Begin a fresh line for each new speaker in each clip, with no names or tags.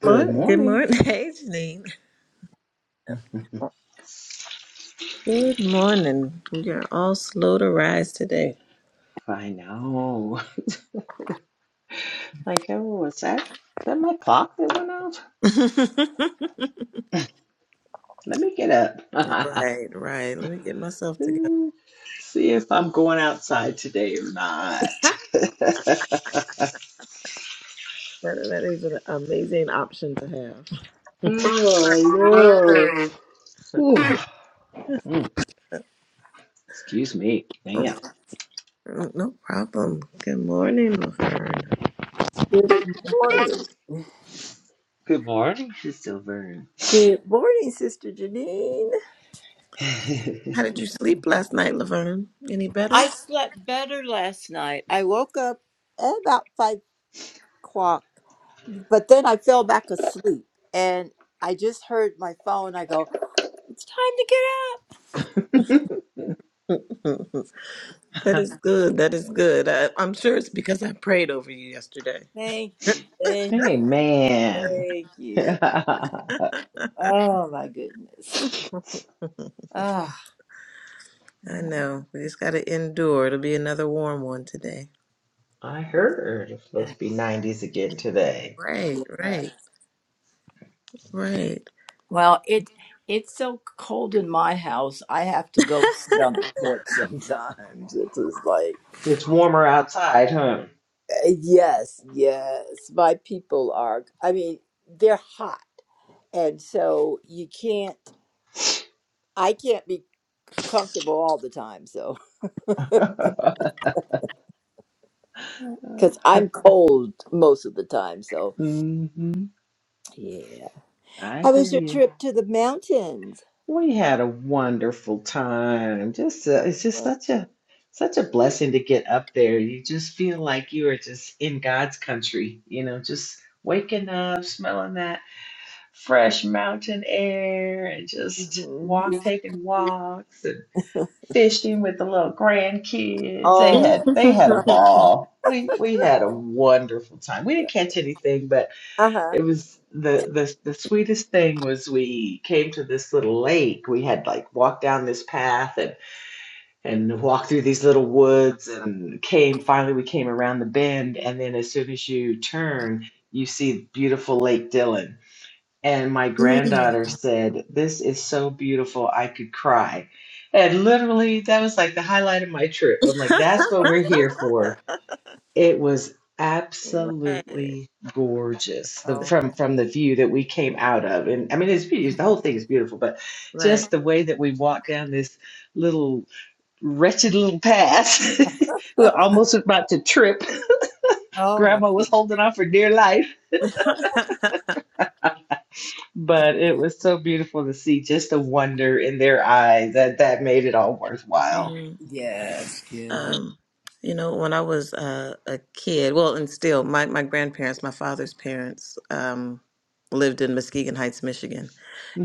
Good
Morning. Good
morning.
morning. Hey, Janine. Good morning. We are all slow to rise today.
I know. Like, oh, was that is that my clock that went off? Let me get up.
right, right. Let me get myself together.
See if I'm going outside today or not.
That, that is an amazing option to have.
Oh, I know. Mm, excuse me. Damn.
Oh, no problem. Good morning, Laverne.
Good morning.
Good morning, Sister Vern.
Good morning, Sister Janine.
How did you sleep last night, Laverne? Any better?
I slept better last night. I woke up at about five o'clock, but then I fell back asleep and I just heard my phone. I go, It's time to get up.
that is good. That is good. I, I'm sure it's because I prayed over you yesterday.
Thank you. Thank,
hey, man.
thank you. Oh my goodness. Oh
I
yeah.
know. We just got to endure. It'll be another warm one today.
I heard it's supposed to be 90s again today.
Right,
yeah.
right, right.
Well, it it's so cold in my house. I have to go sit on the porch sometimes. It's just like
It's warmer outside,
Yes, yes. My people are, I mean, they're hot. And so you can't, I can't be comfortable all the time. So,
huh?
because I'm cold most of the time. So,
hmm
yeah.
I
How was
hear
your
you.
trip to the mountains?
We had a wonderful time. Just uh,
Oh,
it's just
man.
such a such a blessing to get up there. You just feel like you are just in God's country. You know, just waking up, smelling that fresh mountain air, and just walk
Mm-hmm.
taking walks and fishing with the little grandkids. They
Oh,
had they had a
uh huh,
ball. We we had a wonderful time. We didn't catch anything, but.
uh huh.
It was the the the sweetest thing was we came to this little lake. We had like walked down this path and and walked through these little woods and came finally we came around the bend and then as soon as you turn, you see beautiful Lake Dillon. And my
Mm.
granddaughter said, "This is so beautiful, I could cry." And literally that was like the highlight of my trip. I'm like, that's what we're here for it was
right,
absolutely gorgeous the,
Oh,
from from the view that we came out of, and I mean, it's beautiful. The whole thing is beautiful, but
right.
just the way that we walked down this little wretched little path, we were almost about to trip.
oh my
Grandma was
goodness.
holding on for dear life, but it was so beautiful to see just the wonder in their eyes that that made it all worthwhile.
Mm.
Yes, yes,
Um, you know, when I was uh, a kid, well, and still, my, my grandparents, my father's parents, um, lived in Muskegon Heights, Michigan,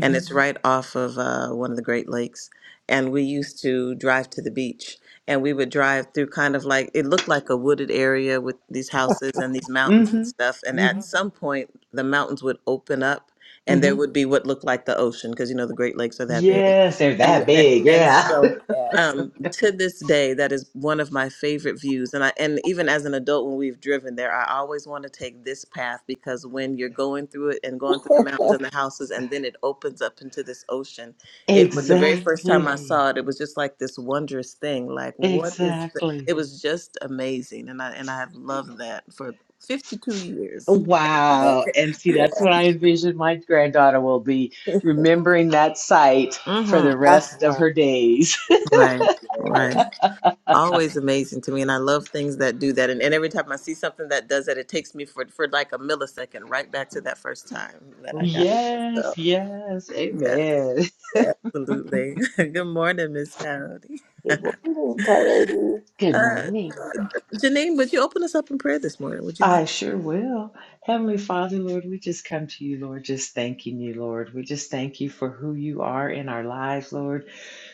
and it's Mhm. right off of uh, one of the Great Lakes. And we used to drive to the beach, and we would drive through kind of like it looked like a wooded area with these houses and these mountains and
hmm
stuff. And
hmm
at some point, the mountains would open up, and there
hmm
would be what looked like the ocean because you know the Great Lakes are that big.
Yes, they're
And
that big.
and
Yeah,
so
yes,
um to this day that is one of my favorite views and i and even as an adult when we've driven there i always want to take this path because when you're going through it and going through the mountains and the houses and then it opens up into this ocean it was the very first time i
exactly.
saw it it was just like this wondrous thing like what is the,
Exactly.
it was just amazing and i and i have loved that for 52 years
yes,
Wow. And see,
yes.
that's what I envision my granddaughter will be remembering that site for
hmm
the
Uh
rest of
huh.
her days.
right right
Yes,
always amazing to me and i love things that do that and, and every time i see something that does that it takes me for for like a millisecond right back to that first time that i
mm-hmm.
got there. so
Yes, yes.
yes,
Amen.
yes.
absolutely good morning miss coyote
It was entirely.
Good
Uh,
morning.
Janine, would you open us up in prayer this morning? Would you mind?
I sure will. Heavenly Father, Lord, we just come to you, Lord, just thanking you, Lord. We just thank you for who you are in our lives, Lord.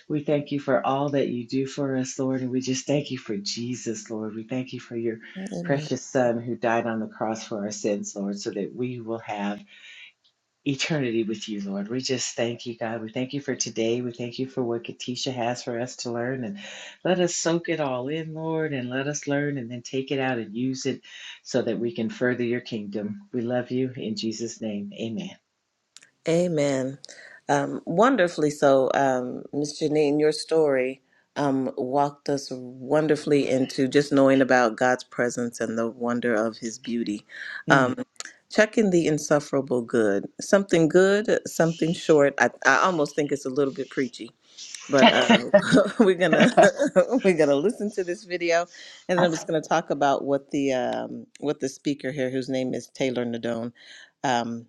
We thank you for all that you do for us, Lord. And we just thank you for Jesus, Lord. We thank you for your
Amen.
precious Son who died on the cross for our sins, Lord, so that we will have eternity with you, Lord. We just thank you, God. We thank you for today. We thank you for what Katisha has for us to learn. And let us soak it all in, Lord, and let us learn and then take it out and use it so that we can further your kingdom. We love you in Jesus' name. Amen.
Amen. Um, wonderfully so, um, Ms. Janine, your story um, walked us wonderfully into just knowing about God's presence and the wonder of His beauty.
Mm.
Um, checking the insufferable good, something good, something short. I, I almost think it's a little bit preachy, but uh, we're gonna we're gonna listen to this video, and then I'm just gonna talk about what the um, what the speaker here, whose name is Taylor Nadone. um,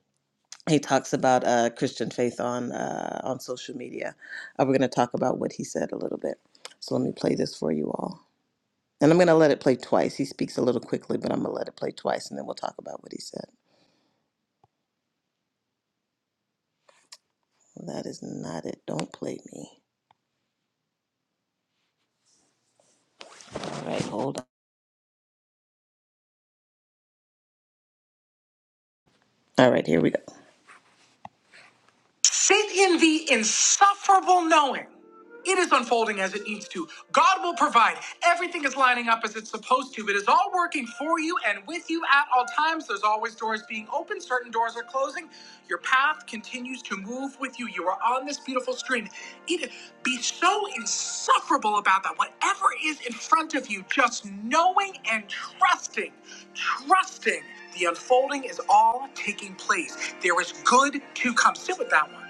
he talks about uh, Christian faith on uh, on social media. Uh, we're going to talk about what he said a little bit. So let me play this for you all, and I'm going to let it play twice. He speaks a little quickly, but I'm going to let it play twice, and then we'll talk about what he said. That is not it. Don't play me. All right, hold on. All right, here we go. Sit in the insufferable knowing. It is unfolding as it needs to. God will provide. Everything is lining up as it's supposed to. It is all working for you and with you at all times. There's always doors being open, certain doors are closing. Your path continues to move with you. You are on this beautiful stream. It, be so insufferable about that. Whatever is in front of you, just knowing and trusting, trusting. The unfolding is all taking place. There is good to come. Sit with that one.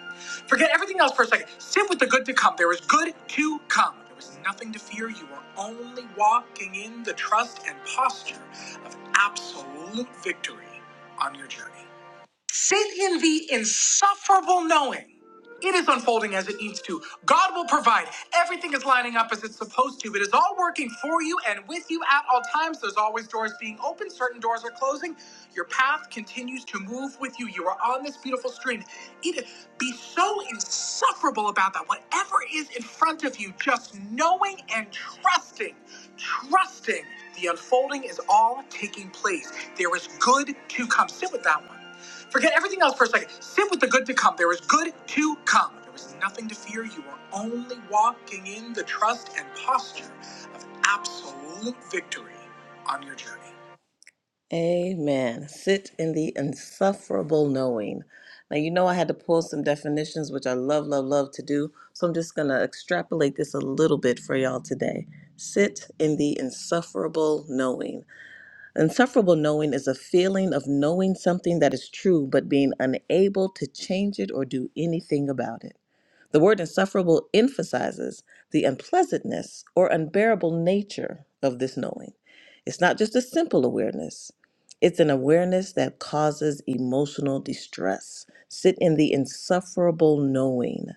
Forget everything else for a second. Sit with the good to come. There is good to come. There is nothing to fear. You are only walking in the trust and posture of absolute victory on your journey. Sit in the insufferable knowing. It is unfolding as it needs to. God will provide. Everything is lining up as it's supposed to. It is all working for you and with you at all times. There's always doors being open, certain doors are closing. Your path continues to move with you. You are on this beautiful stream. It be so insufferable about that. Whatever is in front of you, just knowing and trusting, trusting the unfolding is all taking place. There is good to come. Sit with that one. Forget everything else for a second. Sit with the good to come. There is good to come. There was nothing to fear. You are only walking in the trust and posture of absolute victory on your journey. Amen. Sit in the insufferable knowing. Now, you know, I had to pull some definitions, which I love, love, love to do. So I'm just going to extrapolate this a little bit for y'all today. Sit in the insufferable knowing. Insufferable knowing is a feeling of knowing something that is true but being unable to change it or do anything about it. The word insufferable emphasizes the unpleasantness or unbearable nature of this knowing. It's not just a simple awareness, it's an awareness that causes emotional distress. Sit in the insufferable knowing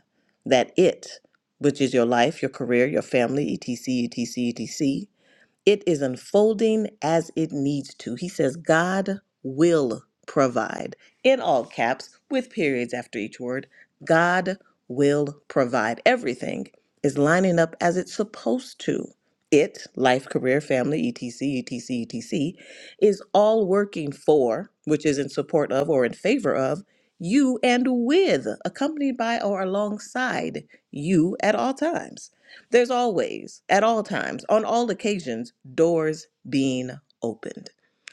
that it, which is your life, your career, your family, etc., etc., etc., it is unfolding as it needs to. He says, God will provide, in all caps, with periods after each word. God will provide. Everything is lining up as it's supposed to. It, life, career, family, etc., etc., etc., is all working for, which is in support of or in favor of, you and with, accompanied by or alongside you at all times. There's always, at all times, on all occasions, doors being opened.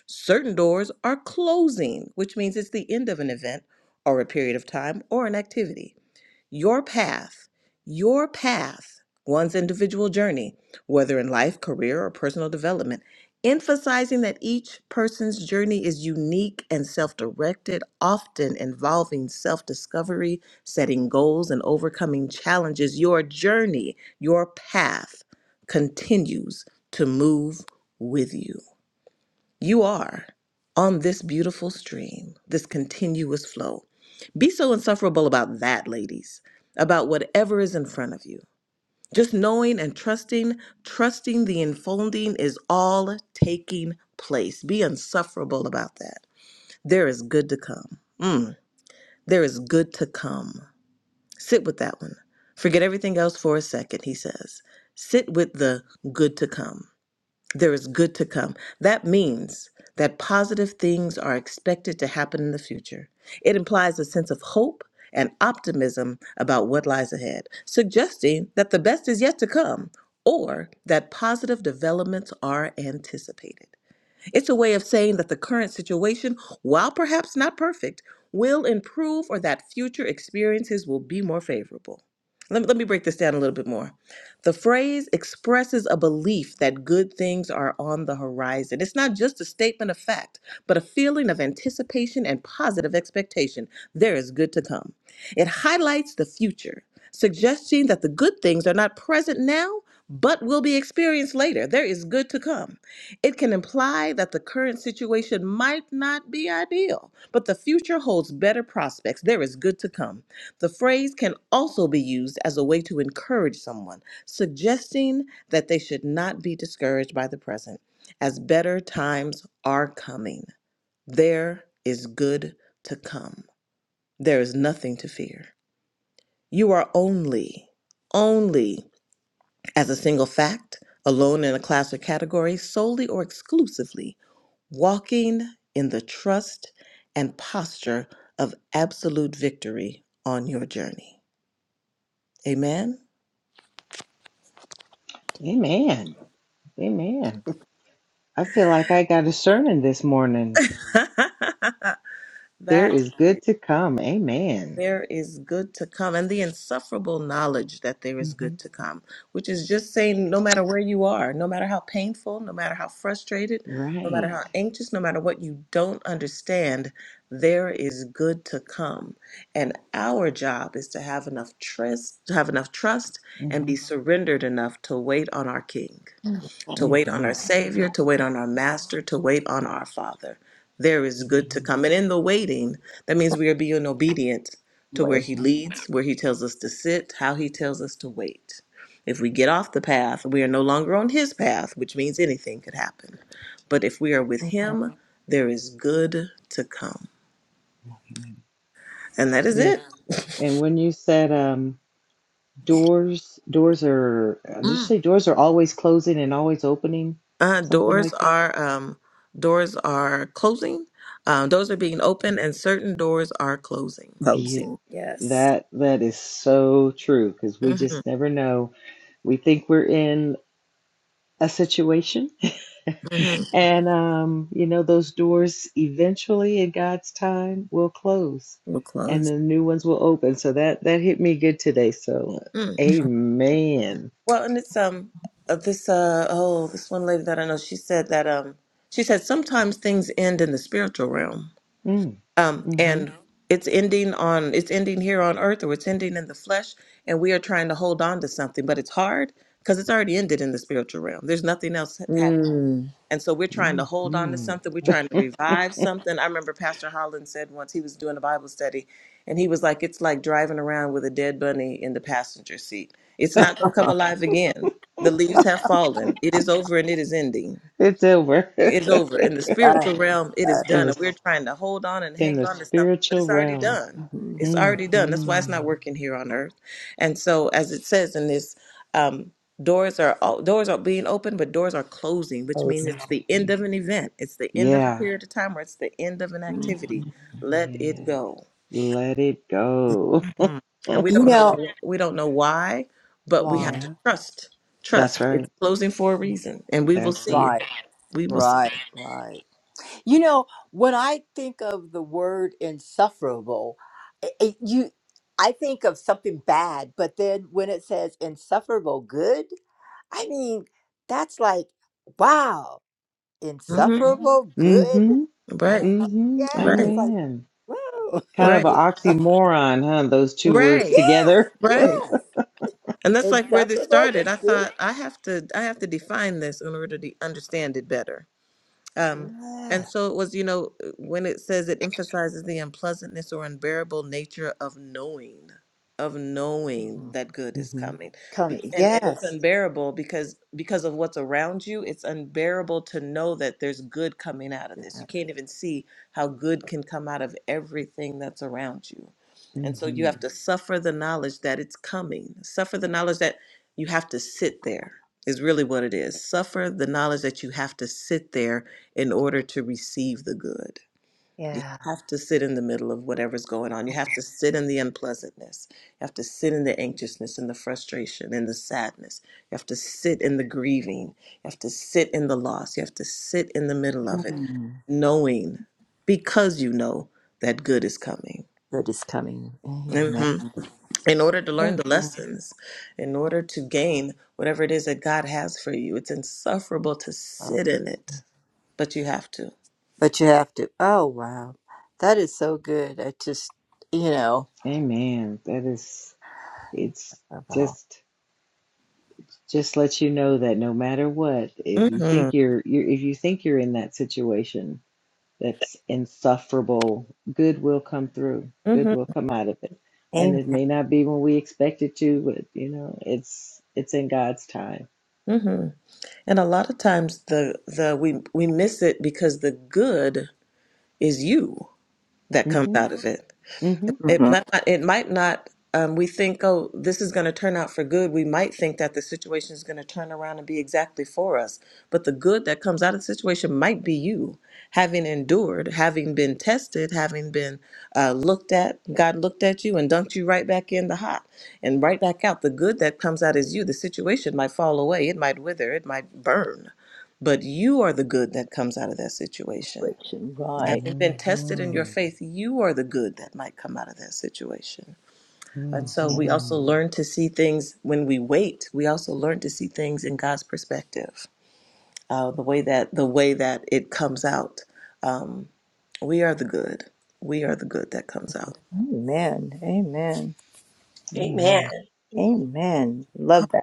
Certain doors are closing, which means it's the end of an event or a period of time or an activity. Your path, your path, one's individual journey, whether in life, career, or personal development, emphasizing that each person's journey is unique and self directed, often involving self discovery, setting goals, and overcoming challenges. Your journey, your path continues to move with you. You are on this beautiful stream, this continuous flow. Be so insufferable about that, ladies, about whatever is in front of you. Just knowing and trusting, trusting the enfolding is all taking place. Be insufferable about that. There is good to come. Mm, there is good to come. Sit with that one. Forget everything else for a second, he says. Sit with the good to come. There is good to come. That means that positive things are expected to happen in the future. It implies a sense of hope and optimism about what lies ahead, suggesting that the best is yet to come or that positive developments are anticipated. It's a way of saying that the current situation, while perhaps not perfect, will improve or that future experiences will be more favorable. Let me, let me break this down a little bit more. The phrase expresses a belief that good things are on the horizon. It's not just a statement of fact, but a feeling of anticipation and positive expectation. There is good to come. It highlights the future, suggesting that the good things are not present now, but will be experienced later. There is good to come. It can imply that the current situation might not be ideal, but the future holds better prospects. There is good to come. The phrase can also be used as a way to encourage someone, suggesting that they should not be discouraged by the present, as better times are coming. There is good to come. There is nothing to fear. You are only, only as a single fact, alone in a class or category, solely or exclusively, walking in the trust and posture of absolute victory on your journey. Amen?
Amen. Amen. I feel like I got a sermon this morning. There
that
is good to come. Amen.
there is good to come and the insufferable knowledge that there is
hmm
good to come which is just saying no matter where you are no matter how painful no matter how frustrated no matter
Right.
how anxious no matter what you don't understand there is good to come and our job is to have enough trust to have enough trust and
hmm
be surrendered enough to wait on our king to
hmm
wait on our Savior, to wait on our Master, to wait on our Father. There is good to
hmm
come. And in the waiting, that means we are being obedient to where He leads, where He tells us to sit, how He tells us to wait. If we get off the path, we are no longer on His path, which means anything could happen. But if we are with Him, there is good to come.
hmm
And that is
Yeah.
it.
And when you said um, doors, doors are, uh, did you say doors are always closing and always opening?
Uh,
Something
doors
like that.
are um, doors are closing. Uh, doors are being opened, and certain doors are closing.
Yeah.
Closing. Yes.
That that is so true because we just
hmm
never know. We think we're in a situation. And, um, you know, those doors eventually in God's time will close
We'll
and
close.
the new ones will open. So that, that hit me good today. So,
Mm.
amen.
Well, and it's um uh, this uh oh this one lady that I know she said that um she said sometimes things end in the spiritual realm
Mm,
um
hmm
and Mhm. it's ending on it's ending here on earth or it's ending in the flesh and we are trying to hold on to something but it's hard because it's already ended in the spiritual realm. There's nothing else happening.
Mm.
And so we're trying to hold on to
hmm
something. We're trying to revive something. I remember Pastor Holland said once he was doing a Bible study, and he was like, It's like driving around with a dead bunny in the passenger seat. It's not going to come alive again. The leaves have fallen. It is over and it is ending.
It's over
It's over. In the spiritual
That is
realm, it is
that
in
done.
the,
And we're trying to hold on and
in
hang
the
on to something, but
spiritual
it's already
realm.
done.
Mm-hmm.
It's already done. That's why it's
hmm
not working here on earth. And so, as it says in this, um, doors are all, doors are being opened, but doors are closing, which means
is-
it's
Doors are
the end of an event. It's the end of a
yeah,
period of time, or it's the end of an activity. Let it
yeah.
go.
Let it go.
And we
You
don't know
know
wh- we don't know why, but we have
why?
to
yeah,
trust.
that's
Trust. It's
right.
closing for a reason, and we will
That's
see
right.
it.
Right,
We will see.
right, right. You know when I think of the word insufferable, it, it- you, I think of something bad. But then when it says insufferable good, I mean that's like wow,
Mm-hmm.
insufferable good.
Mm-hmm.
Right.
Mm-hmm.
Yeah,
Right,
it's like
Amen.
whoa.
Kind of an
right,
oxymoron, huh? Those two words
right,
Yes,
together.
right.
yes.
And that's like where this
Insufferable, but
started. I
good.
thought I have to I have to define this in order to understand it better. Um,
Yeah.
and so it was, you know, uh, when it says it emphasizes the unpleasantness or unbearable nature of knowing, of knowing that good is
hmm
coming. Be-
Coming.
And and it's
Yes.
unbearable because because of what's around you, it's unbearable to know that there's good coming out of this. You can't even see how good can come out of everything that's around you. And so you
hmm
have to suffer the knowledge that it's coming. Suffer the knowledge that you have to sit there is really what it is. Suffer the knowledge that you have to sit there in order to receive the good. You
Yeah.
have to sit in the middle of whatever's going on. You have to sit in the unpleasantness. You have to sit in the anxiousness and the frustration and the sadness. You have to sit in the grieving. You have to sit in the loss. You have to sit in the middle of it,
Mm.
knowing because you know that good is coming.
Good is coming. Amen.
hmm In order to learn the
Amen.
lessons, in order to gain whatever it is that God has for you, it's insufferable to sit
Um,
in it, but you have to.
but you have to. Oh, wow. That is so good. I just, you know.
Amen. That is, it's
About.
just, just let you know that no matter what, if you
hmm
think you're, you're, if you think you're in that situation that's insufferable, good will come through. Good will come out of it, and
Amen.
it may not be when we expect it to, but you know, it's, it's in God's time.
hmm And a lot of times the the we we miss it because the good is you that comes
hmm
out of it.
hmm
It
Mm-hmm.
might not, it might not um, we think, oh, this is going to turn out for good. We might think that the situation is going to turn around and be exactly for us. But the good that comes out of the situation might be you having endured, having been tested, having been uh, looked at. God looked at you and dunked you right back in the hot and right back out. The good that comes out is you. The situation might fall away, it might wither, it might burn. But you are the good that comes out of that situation.
Right.
Having been tested in your
hmm
faith, you are the good that might come out of that situation. And so we also
hmm
learn to see things when we wait. We also learn to see things in God's perspective, uh, the way that the way that it comes out. Um, we are the good. We are the good that comes out.
Amen. Amen.
Amen.
Amen.
Amen. Love that.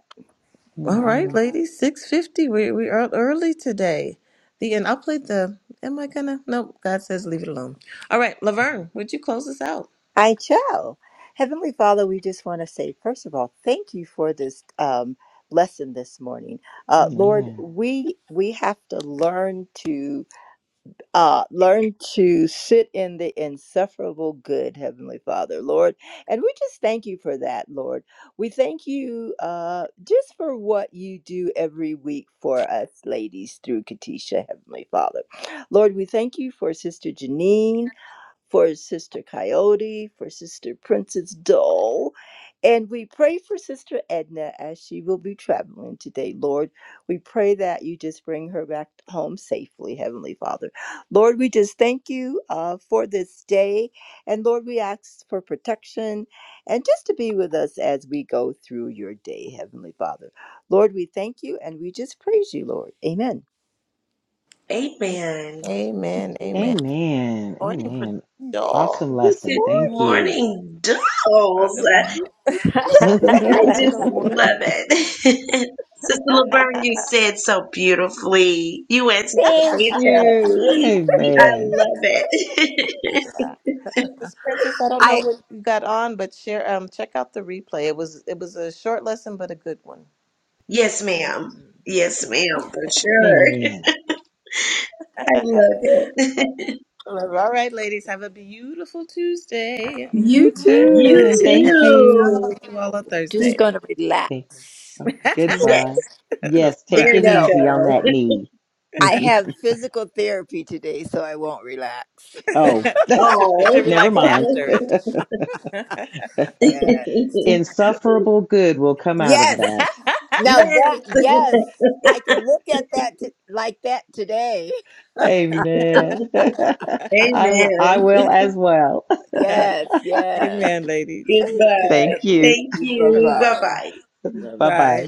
All right,
Mhm.
ladies, six fifty. We we are early today. The end. I'll play the. Am I gonna? Nope. God says leave it alone. All right, Laverne, would you close us out?
I shall. Heavenly Father, we just want to say, first of all, thank you for this um, lesson this morning. Uh, Lord,
Amen.
we we have to learn to uh, learn to sit in the insufferable good, Heavenly Father, Lord, and we just thank you for that, Lord. We thank you uh, just for what you do every week for us, ladies, through Katisha, Heavenly Father, Lord. We thank you for Sister Janine for Sister Coyote, for Sister Princess Dole. And we pray for Sister Edna as she will be traveling today, Lord. We pray that you just bring her back home safely, Heavenly Father. Lord, we just thank you uh, for this day. And Lord, we ask for protection and just to be with us as we go through your day, Heavenly Father. Lord, we thank you and we just praise you, Lord. Amen.
Amen.
Amen. Amen.
Amen.
Morning, Prince
Amen. Awesome
Joel.
Good
lesson.
Good
Thank
morning.
you.
morning,
Uh,
dolls.
Good morning.
I just
Good morning.
love it. Sister Laverne, you said so beautifully. You went to the
Thank you.
Patricia. I
Amen.
love it.
Yeah, Miss Princess, I don't know
I
what you got on, but share. Um, check out the replay. It was it was a short lesson, but a good one.
yes, ma'am.
Mhm.
Yes, ma'am, for sure.
Amen.
I love it.
All right, ladies, have a beautiful Tuesday.
You
You
See
too.
you
And
too.
thank
I
you.
too.
you all
know.
on
Just
Thursday.
going to relax.
Thank, goodbye.
Yes,
Yes, take
there
it
Bye.
you
No,
easy on that
go.
knee.
I have physical therapy today, so I won't relax.
oh,
should, should
Oh.
never
relax
mind.
after it.
Yeah.
Insufferable good will come out of
Yes.
that.
Now that,
Yes.
yes, I can look at that t- like that today.
Amen. I, w- I
Amen.
will as well.
Yes, yes.
Amen, ladies.
Okay.
Goodbye.
Thank
Bye
you.
Thank
Bye
you.
bye.
Bye
bye.
bye.
Bye
Bye
bye.
bye.